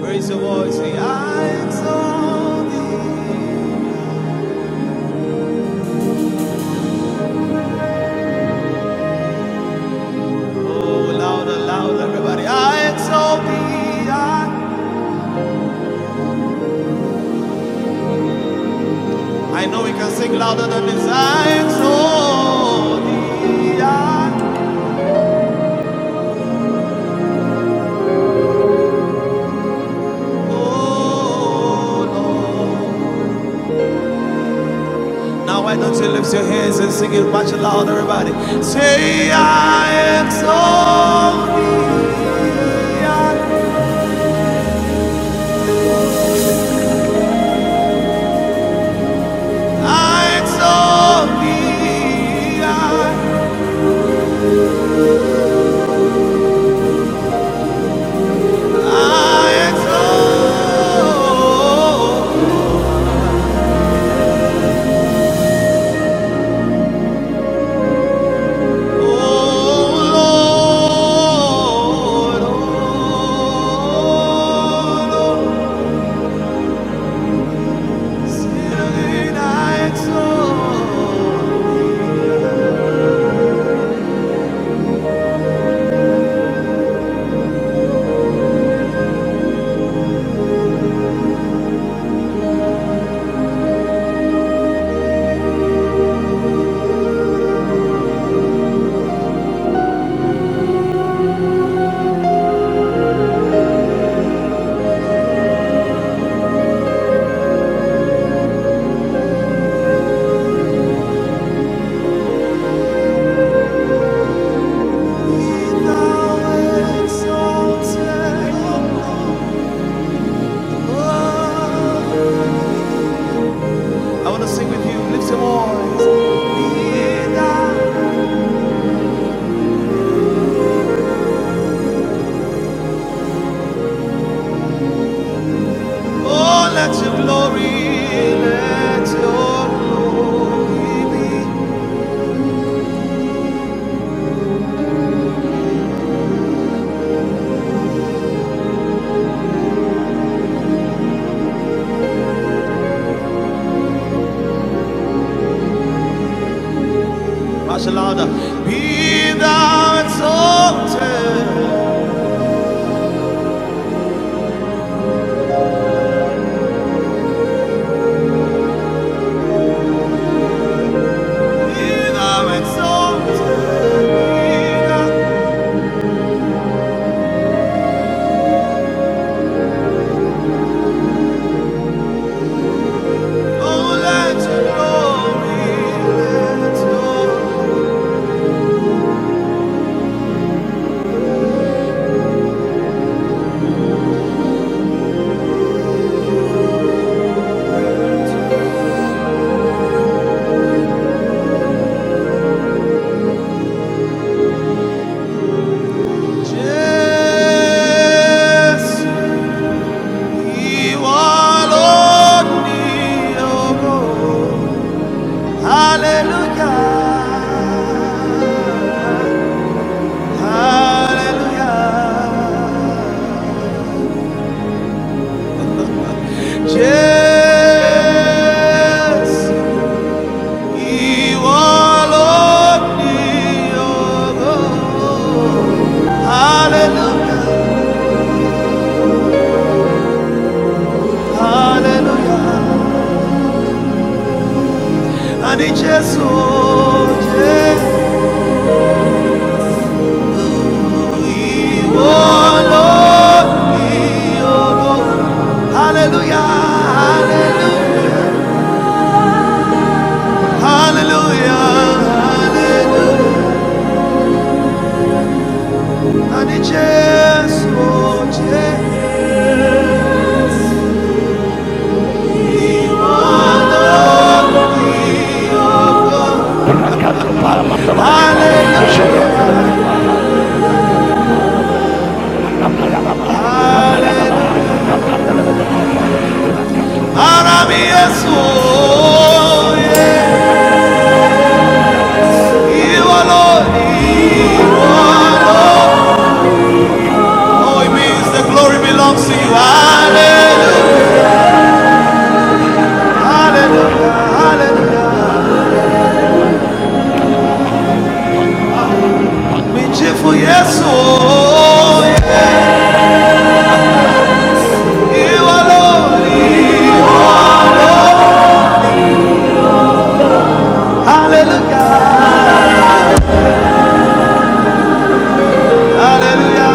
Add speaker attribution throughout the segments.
Speaker 1: Raise your voice, say, I exalt thee. Oh, louder, louder, everybody. I exalt thee. I, I know we can sing louder than this. I exalt thee. I, oh, Lord. Now, why don't you lift your hands and sing it much louder, everybody? Say, I exalt thee. I, I exalt thee. I, I want to sing with you. Lift your voice. Oh, let your glory, let your glory be. Much louder. Be thou exalted. Be thou exalted. Be thou, oh, let your glory, let your glory. Jesus, you are Lord, your God. Hallelujah. Hallelujah. Yes, you are Lord. Hallelujah, hallelujah. And it's just so, you are Lord. Hallelujah, hallelujah, hallelujah, hallelujah. And Jesus, just so, you Hallelujah. Arabia soy. Oh, it means the glory belongs to you. Hallelujah. Hallelujah. Hallelujah. Me cheerful, yes, oh, yeah. Hallelujah. Hallelujah.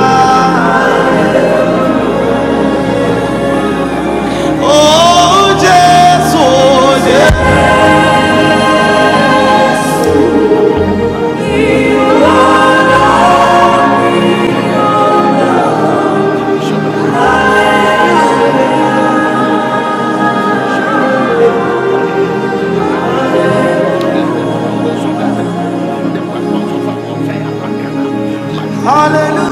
Speaker 1: Oh, Jesus, oh, Jesus. so Hallelujah.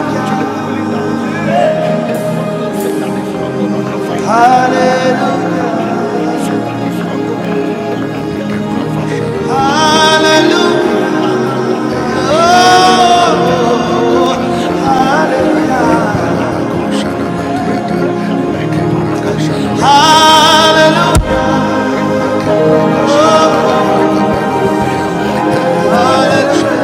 Speaker 1: Hallelujah. Oh, hallelujah. Hallelujah. Hallelujah.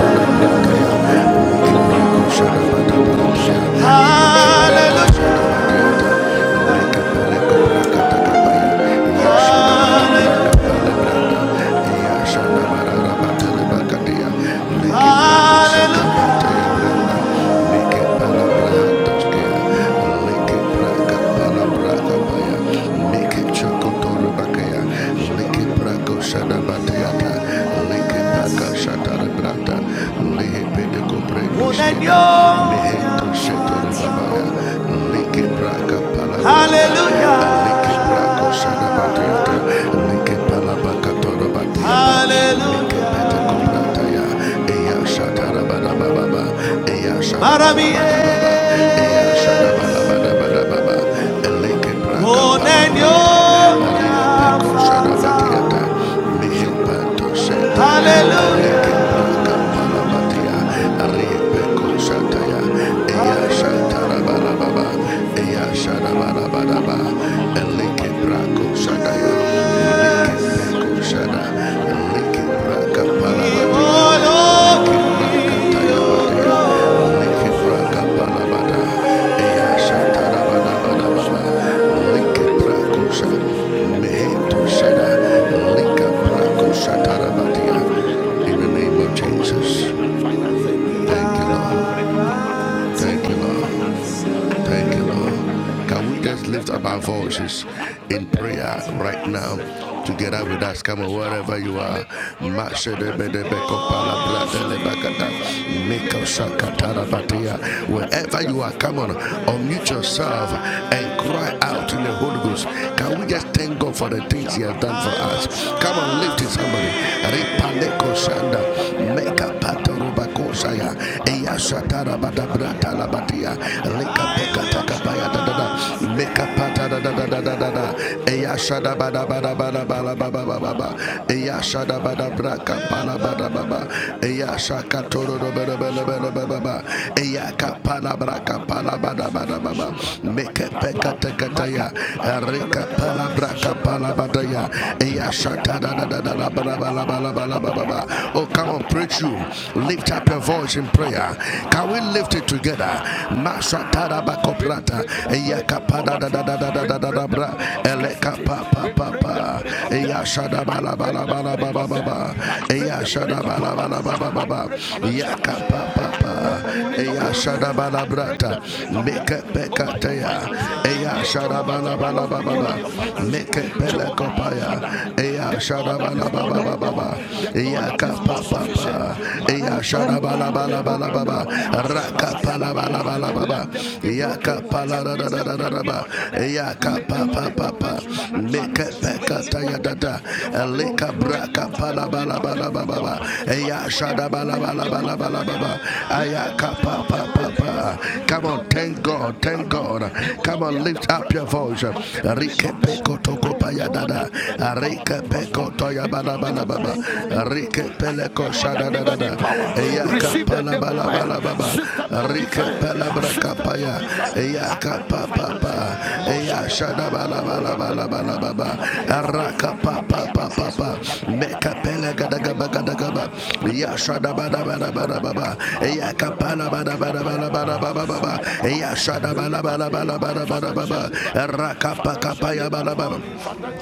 Speaker 1: Hallelujah. Hallelujah. Hallelujah. Hallelujah.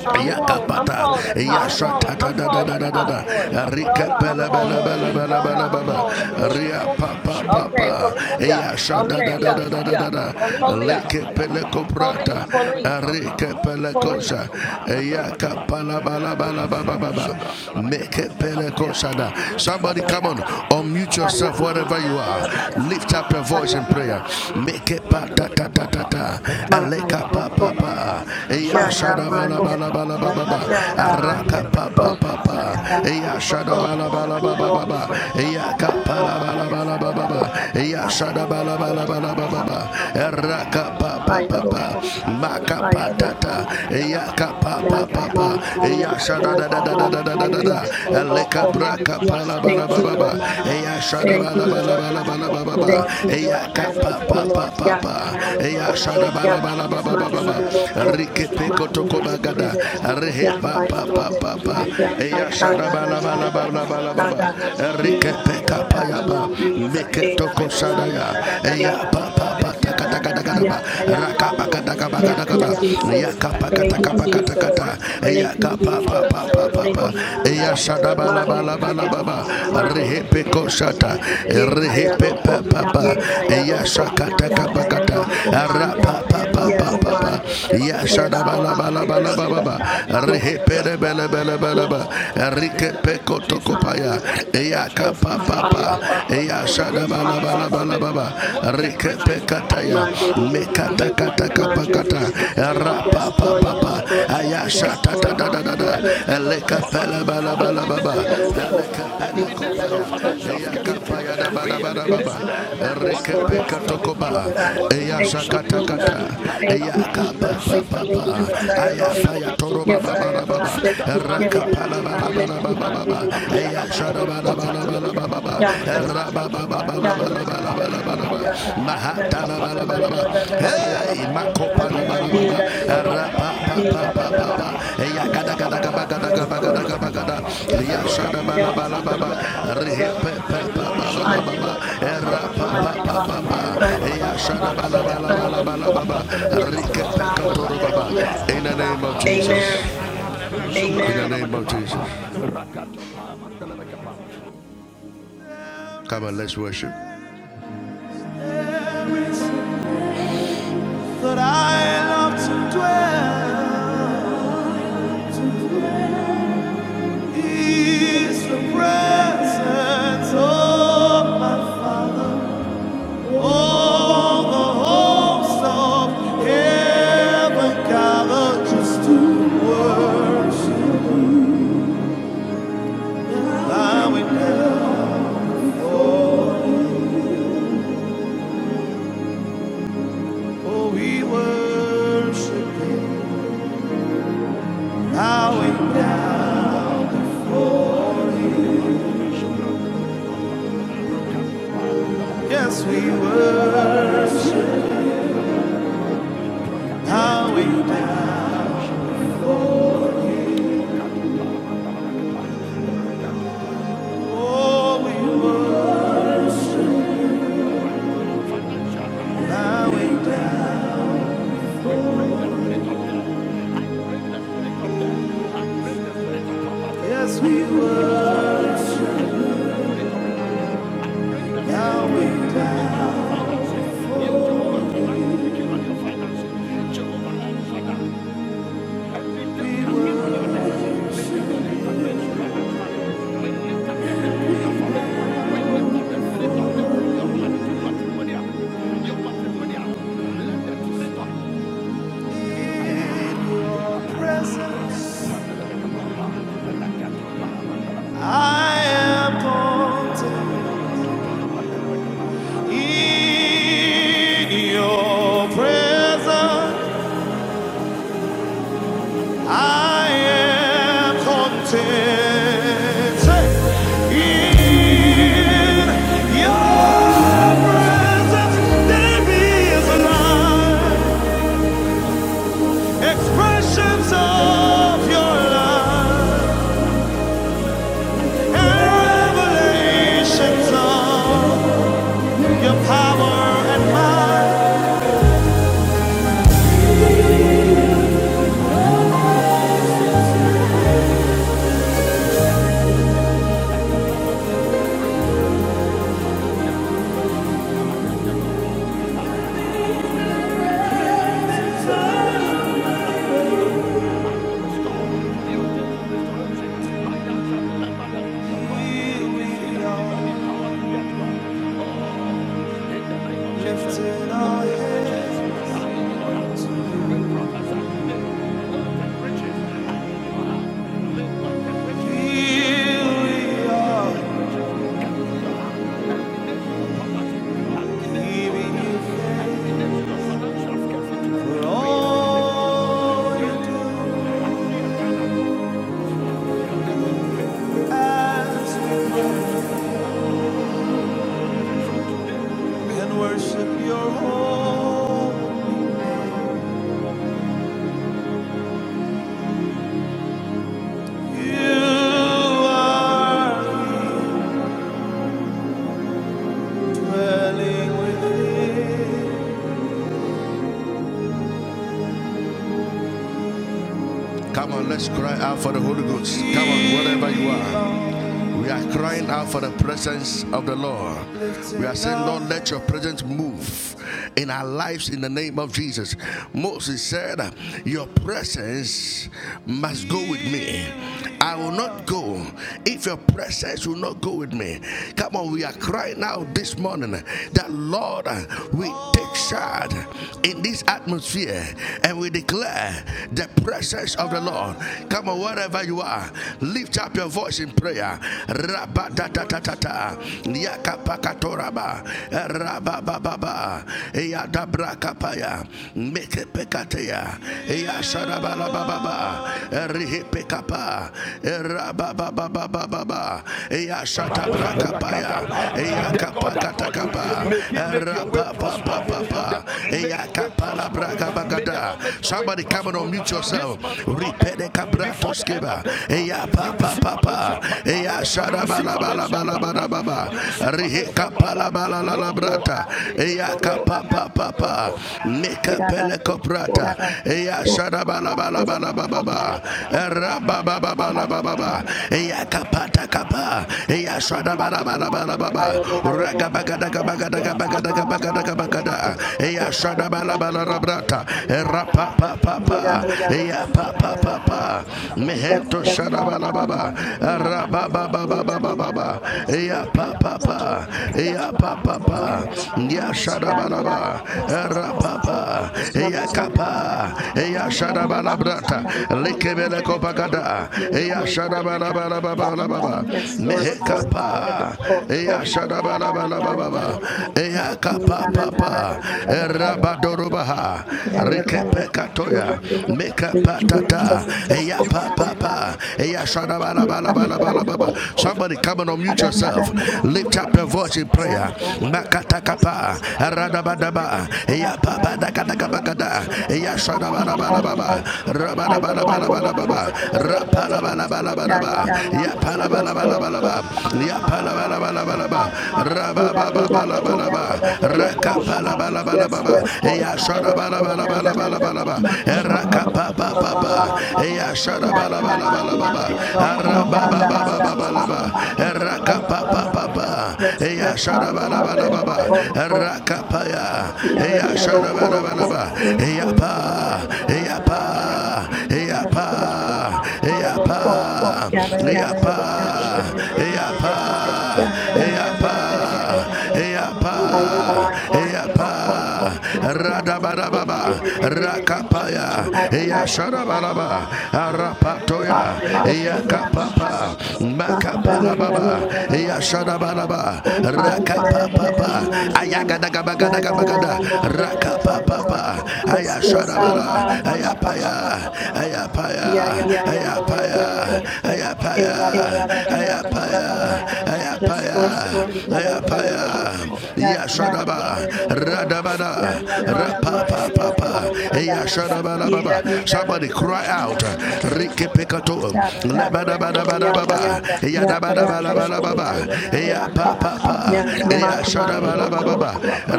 Speaker 2: I'm calling. I'm calling the cops. That's too much noise. Tell her I'm calling the police. Okay, policia, policia, police, police. Yeah, yeah, Yeah, Oh, Jesus, thank you, Lord. Yeah, yeah, Fire of Korean Yayaman Yaro Commander. Yaro Commander. Thank you, Lord God. Thank you, Lord God. Thank you, Lord God. Mandaroko. Ya ya mandaroko. Mandaroko. Ya hayaroko. Yanda. Da da da da da da da da da. Mia hayaroko. Yanda. Da da da da da da da da da da da. da. Yeah, I am honored. Thank you, Jesus. Thank you, Jesus. Thank you, Jesus. I am honored. Mande de de de de de de Yanda, I welcome. Yeah, I welcome Monday. Yes, Lord. Yes, Lord. Ama, I welcome. Yeah. Yes, Lord, yes, Lord, yes, Lord, yes, Lord, yes, Lord, yes, Lord, Ah, ah, ah, Roko. Ni, da, da, da, da, da, da, da, da, da, da. Yes, Lord, God, yes, Lord, God, yes, Lord God, thank you, Jesus, thank you, Jesus, thank you, Jesus, I Yes, Lord God, thank you, my Yes, Lord God. Yes, Lord God. Yes, Lord God. Yes, Lord God. Yes, Lord God. Yes, Lord God, yes, Lord God. Amen.
Speaker 1: That I love to dwell is the presence of my Father. All the hopes of heaven gather just to worship. Bowing Oh, we worship you, bowing down. Yes, we worship, bowing down. Oh, we worship, bowing down. Yes, we worship, bowing down. Oh, We worship. In your presence, I am content. In your presence, I am content. In your presence, there is life. Expressions of your love and revelations of your power and might. Here we are, lifting our heads. Here we are, giving you thanks for all you do as we can worship your home. You are dwelling within.
Speaker 2: Lord God. Mirada de loco, es la mata de loco, mirada la mirada de loco, mirada de loco, es que ama de loco, mata de loco, mirada de loco, mirada, mirada de loco, es que ama de loco, mirada, mirada de loco, Yes, Lord, I'm a Thank you. Yes, Lord. Yes, Lord yada Oh, Father, Kuliana. Yaya Mami, Roko. Yes, Lord, Ah, Ma, Ba, Ba, Ba, Ba, Ba, Ba, Ba, Ba. Yaya Mami, Roko. Eh, La, La, La, La, La, La, La, La, La, La, La. Yes, Lord, Mami, Roko. Yaya Mami, Roko. Yaya Mami, Roko, Mianda. Yira, La, La, La, La, La, La, La, La, La, La, La. Yararararokomianda. Yararararokomianda raraka. Yayamandiraroko.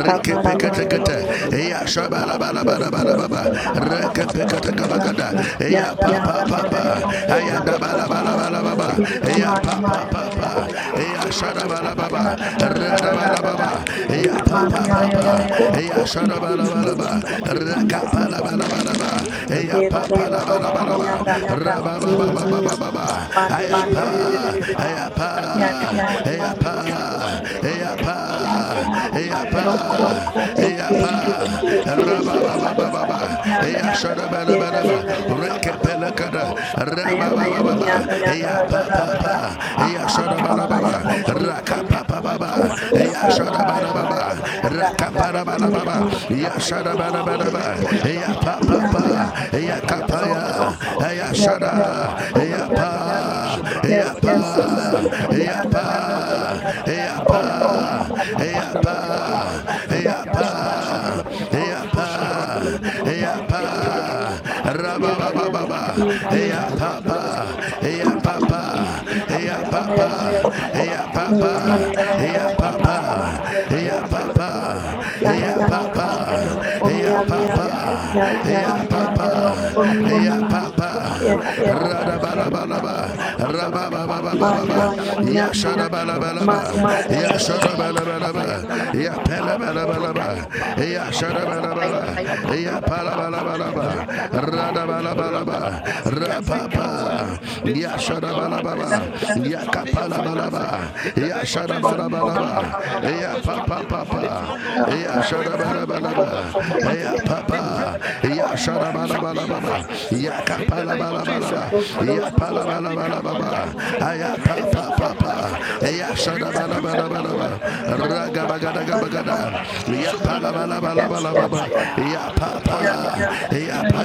Speaker 2: Yamandirararokomianda. Yes, Lord, Yamandirararara. Yayamandirararoko, mandirarara. Yayamandirararoko. Yarararararararara. Yayamandirararoko. Thank you, Jesus. Thank you, Jesus. Thank you, Jesus. Yararararoko, mianda. Thank you, Jesus. Thank you, Jesus. I am Mianda. I am Mianda. Papa, Papa, I am Mianda. Yes, Lord God, my I am Mianda. Yeah, I am Mianda. Yes, Jesus, I look for me, la la la la la. da- Oh, pa- pa- pa- pa- pa- pa- pa- pa- pa. Yeah, yeah, man, I look for me, la la la look for me, la la la da- look for me, la da- la la la la. La la la la da- da. Yeah, yeah, la yeah, yeah, look for me, and da- da- da- look for me, and da- da- da- da- da. Yeah, yeah, man, yeah, yeah, look for me, and da- yeah, yeah, man, yeah, yeah, look for me, and da- Yeah, da- da- da- da- da- da- Ma, yeah, look for me, Maya da da da da. Maya da da da. Yes. Lord. Maya da da. da. Oh, pa pa pa pa pa pa. Maya da da da. Oh, ya man. Da da da. Oh, yeah, Maya Da da da. Roman. Da da da. Yes. Lord. Ah, Maya da da da. Maya da da da. Yes, Lord. Yes, Lord. Yes,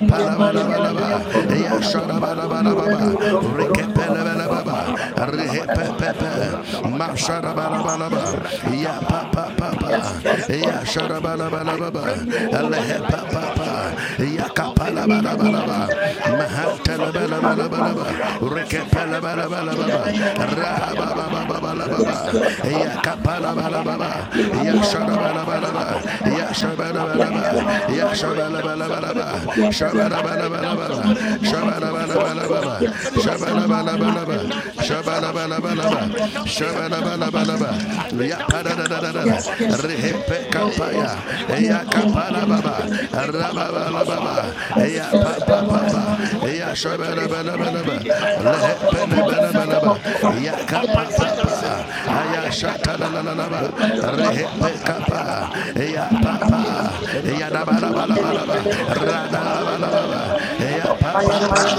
Speaker 2: Mira, María, le rojo, mi alma. Mira, le rojo, mi alma, Yes, yes, yes, yes, Lord. Here I am. I am Here I am. I Yes, Lord. Here I am. I Yes, Lord. Yes, Lord. Yes, Mother, Mother, Mother, Mother, Mother, Yes, Lord, I'm I'm on Yaroko, Yaroko,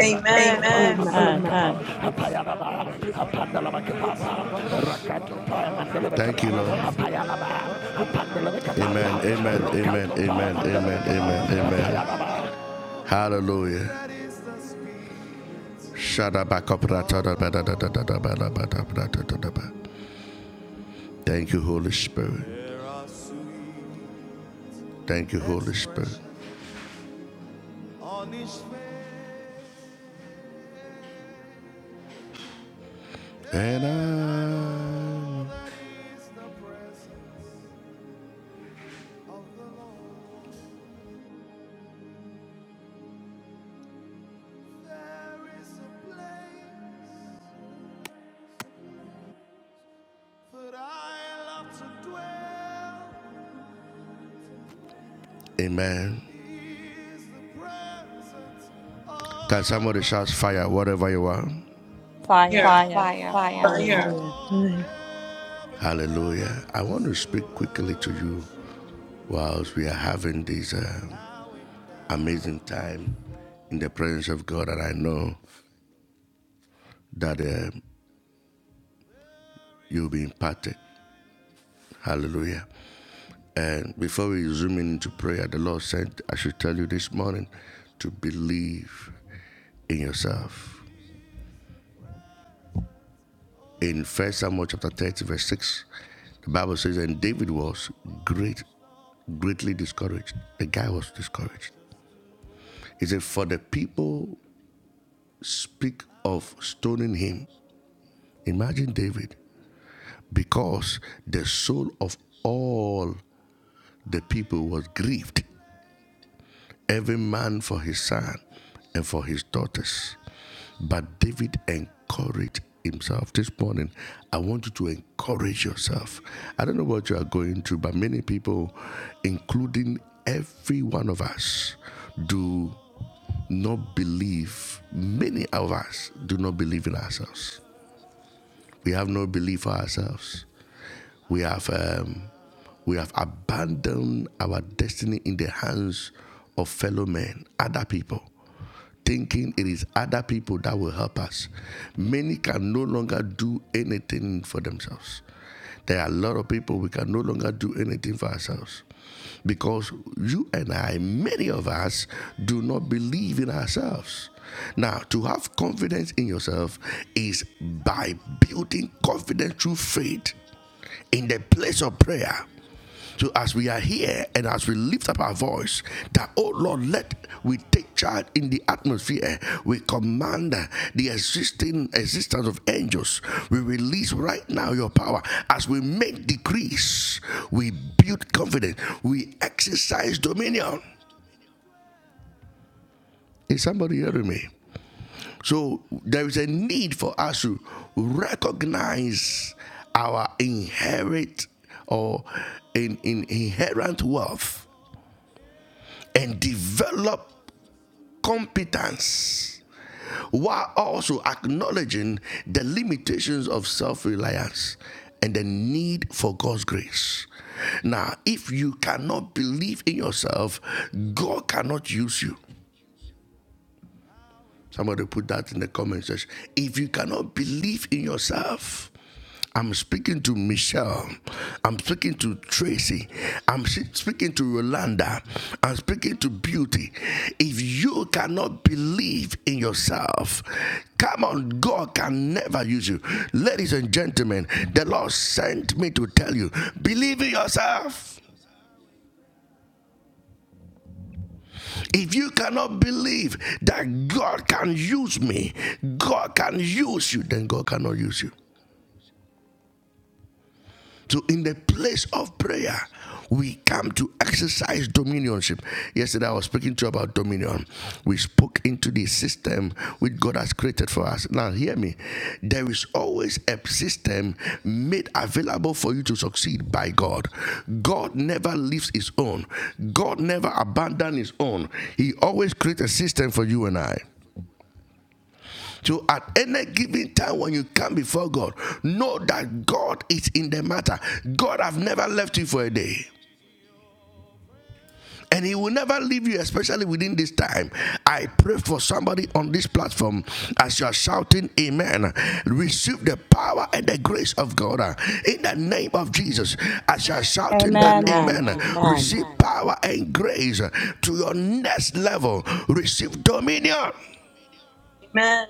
Speaker 2: Amen.
Speaker 3: Amen.
Speaker 1: There is a place that I love to dwell. Presence.
Speaker 4: Fire,
Speaker 2: Here.
Speaker 4: fire, fire. Amen.
Speaker 3: Amen. Amen.
Speaker 2: Amen.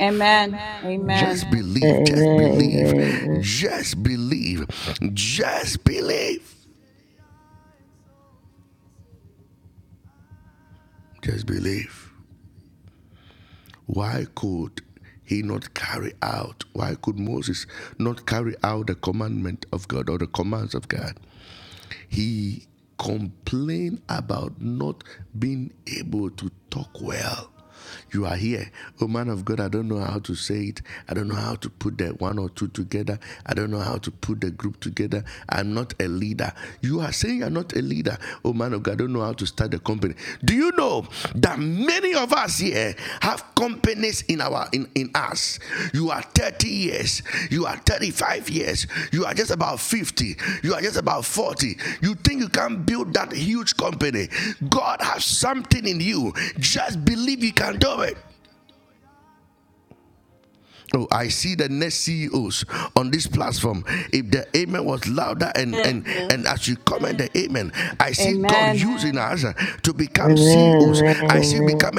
Speaker 4: Amen. Amen.
Speaker 5: Amen. Amen.
Speaker 4: Amen.
Speaker 5: Amen. Amen.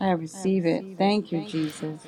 Speaker 4: I receive it. Thank you, Jesus.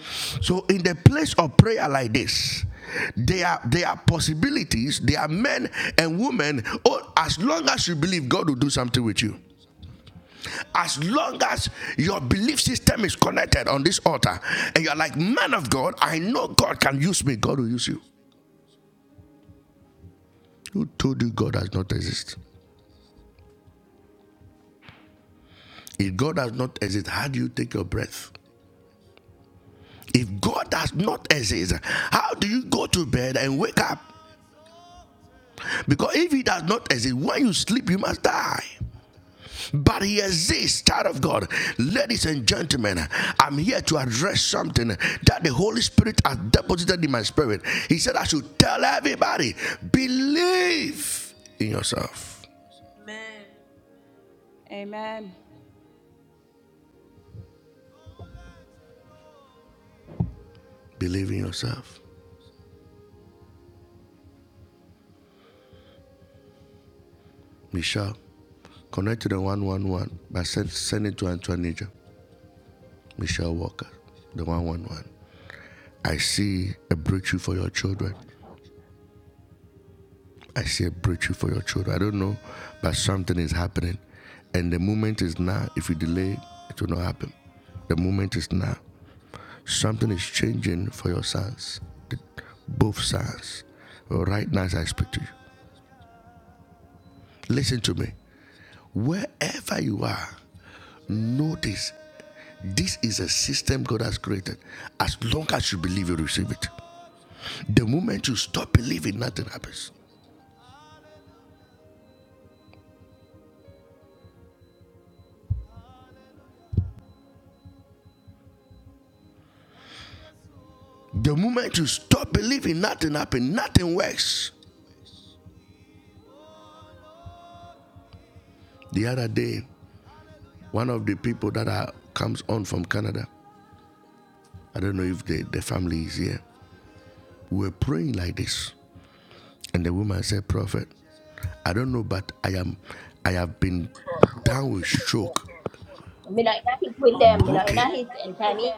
Speaker 6: We don't know who they are. We don't know who they are.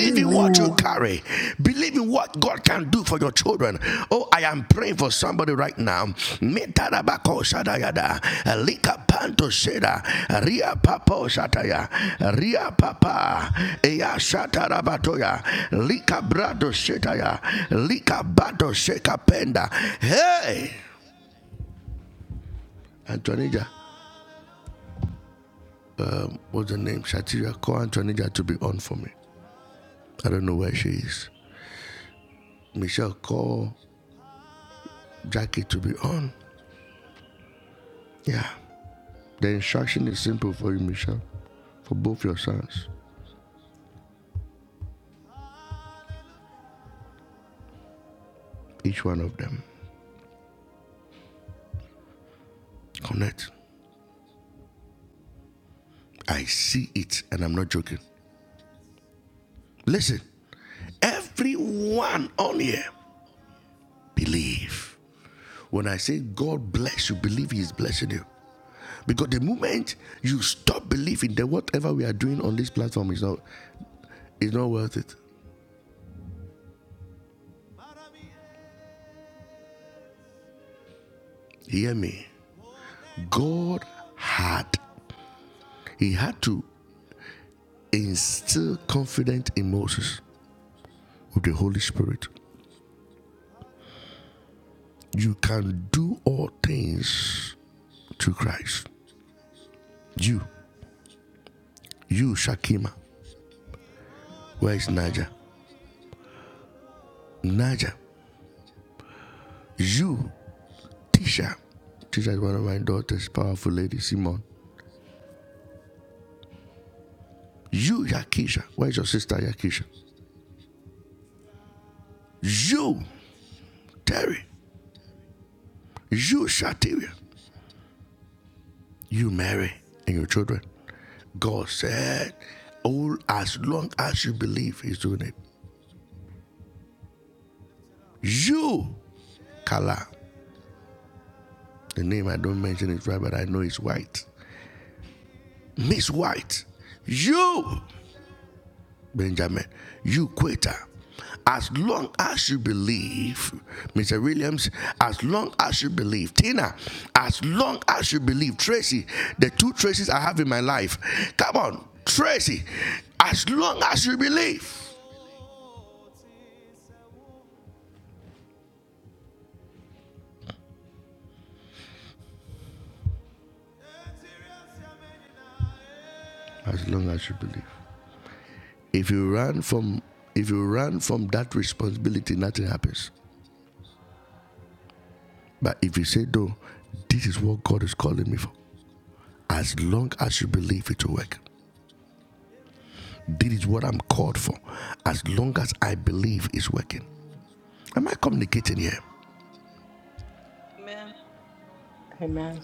Speaker 7: Amen.
Speaker 3: Amen.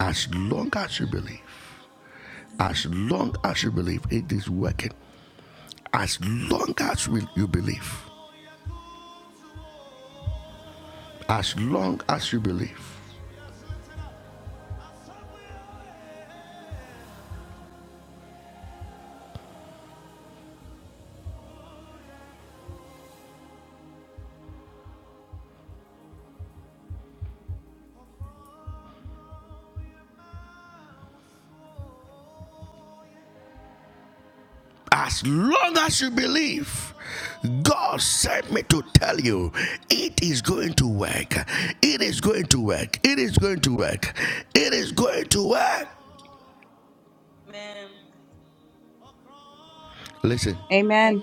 Speaker 4: Amen.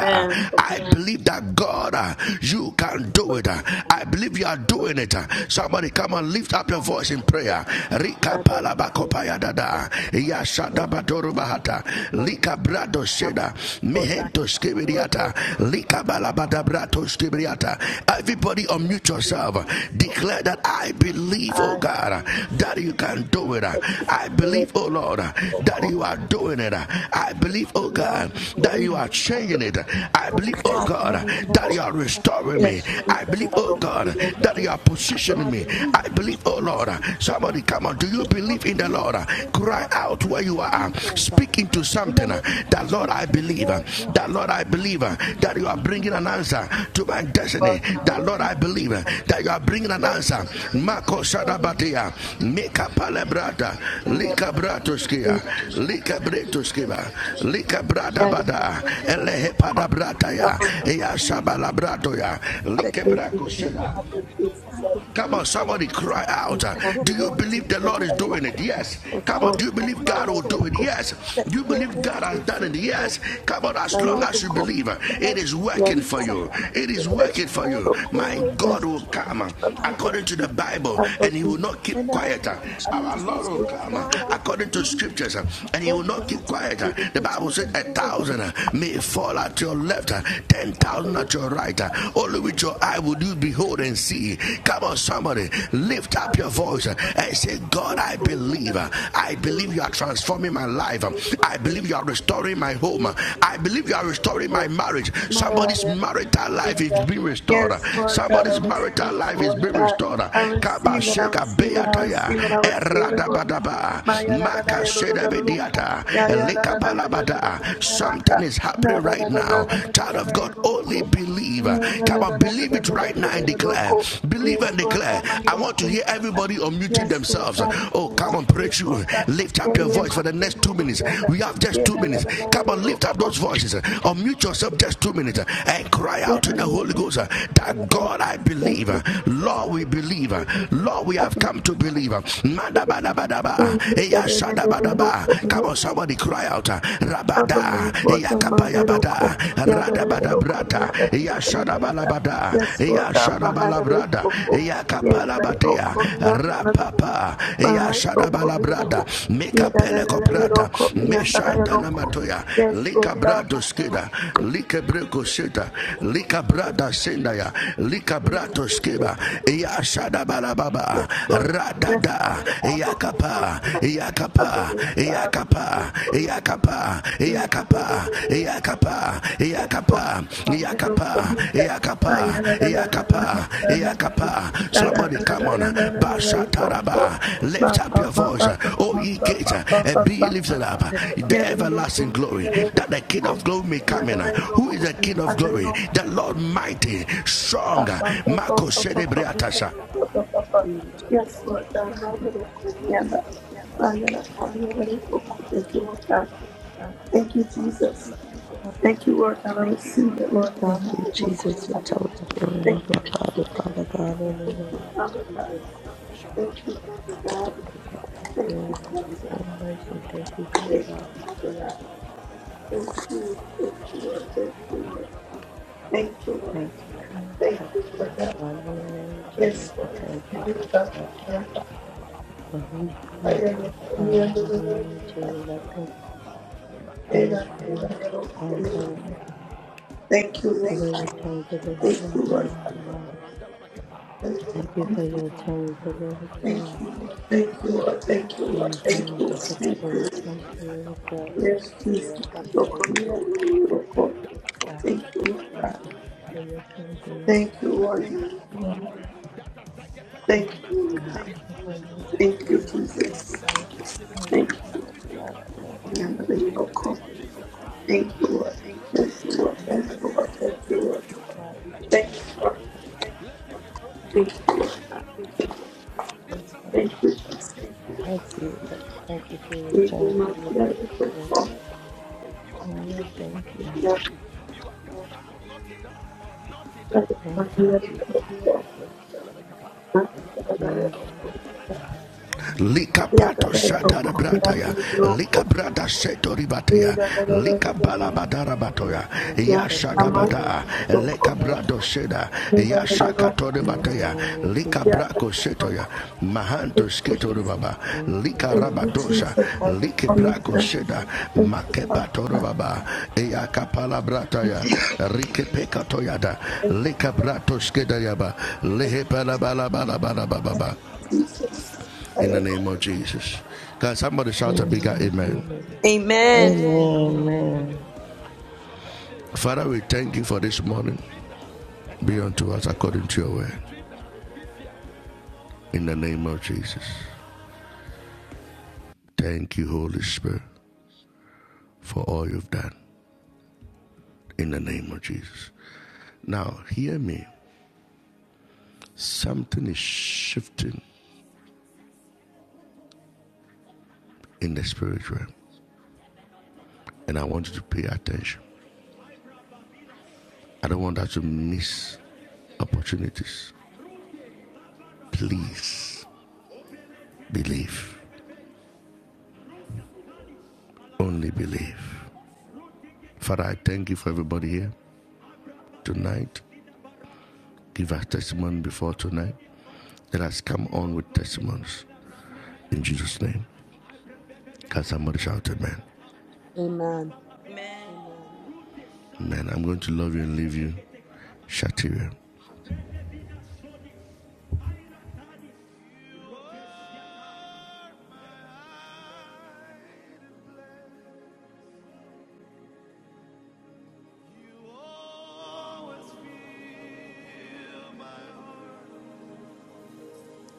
Speaker 2: Amen. Yes, Jesus. Hallelujah. I believe you will be found after Jesus and serve the Lord. In the name of Jesus, in the name of God. Yes, God, in the name of Say, yes, God, in the name of Yes, Maria, Yes, Lord God, I receive it, Lord God. I receive it, I receive it, I receive it, I receive it, Lord God. Maya la la la ya do do do do do ko. Ya ya la la la la la la la la ya la ka. Na da da da da da da da da da ya do ko. Mm, na da da da da da da da da da ya do ko. Yes, Lord God, my do ko ya la. Yes, Lord God, I pray, I pray, Lord God. Ya ya ma ya do ko ya la. Ya la la la la ya do ko. Thank you, Jesus. I believe, I believe, Lord, that my head will come. Yeah, that it will come. Yeah, that it will come. Yes, Lord, God, my head will come. Yeah, that it will come. Yeah, that it will come. My head will come. Yeah, that yeah, that it will come. Yeah, that it will come. Yes, Lord, God, my head will come. Yes, Lord. Yes, Lord. I believe, Lord. I believe, I believe, you, Lord. Yes, Lord. I believe, comida. I am a little bit of a Yes, Lord God, my little Koreana. My little Koreana, little Koreana. Thank you, Lord God. Thank you, Jesus. Thank you, Lord God. I receive it, Lord God. My little Koreana. Thank you, Jesus. Thank you, Father God. Thank you, Father God. Thank you, Father God. Thank you, Father God. Thank you, thank you, Lord. Thank you, Lord. Thank you, Lord. Thank you, Lord God.
Speaker 5: Amen. Amen. Father, in
Speaker 2: Yes, Lord. My God. Thank you, Lord. Thank you, Lord. Thank you, Lord. Thank you, Lord. Thank you, Lord. Thank you, Lord. Thank you, Lord. Yes, Jesus. Your community, your Thank you, Lord God. Thank you, Lord God. Thank you, Lord God. Thank you, Jesus. Thank you, family, your God. Thank you, Lord. Thank you, Lord. Thank you, Lord. Thank you, Lord. Thank you, Lord. Thank you, Lord. Thank you, Amen.
Speaker 5: Amen.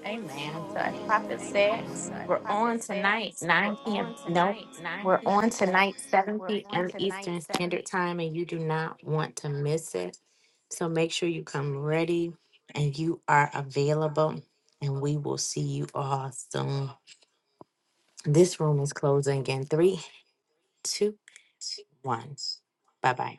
Speaker 8: Amen. So as Prophet said, we're on tonight, 9 p.m. No, we're on tonight, 7 p.m. Eastern Standard Time, and you do not want to miss it. So make sure you come ready and you are available, and we will see you all soon. This room is closing in three, two, one. Bye bye.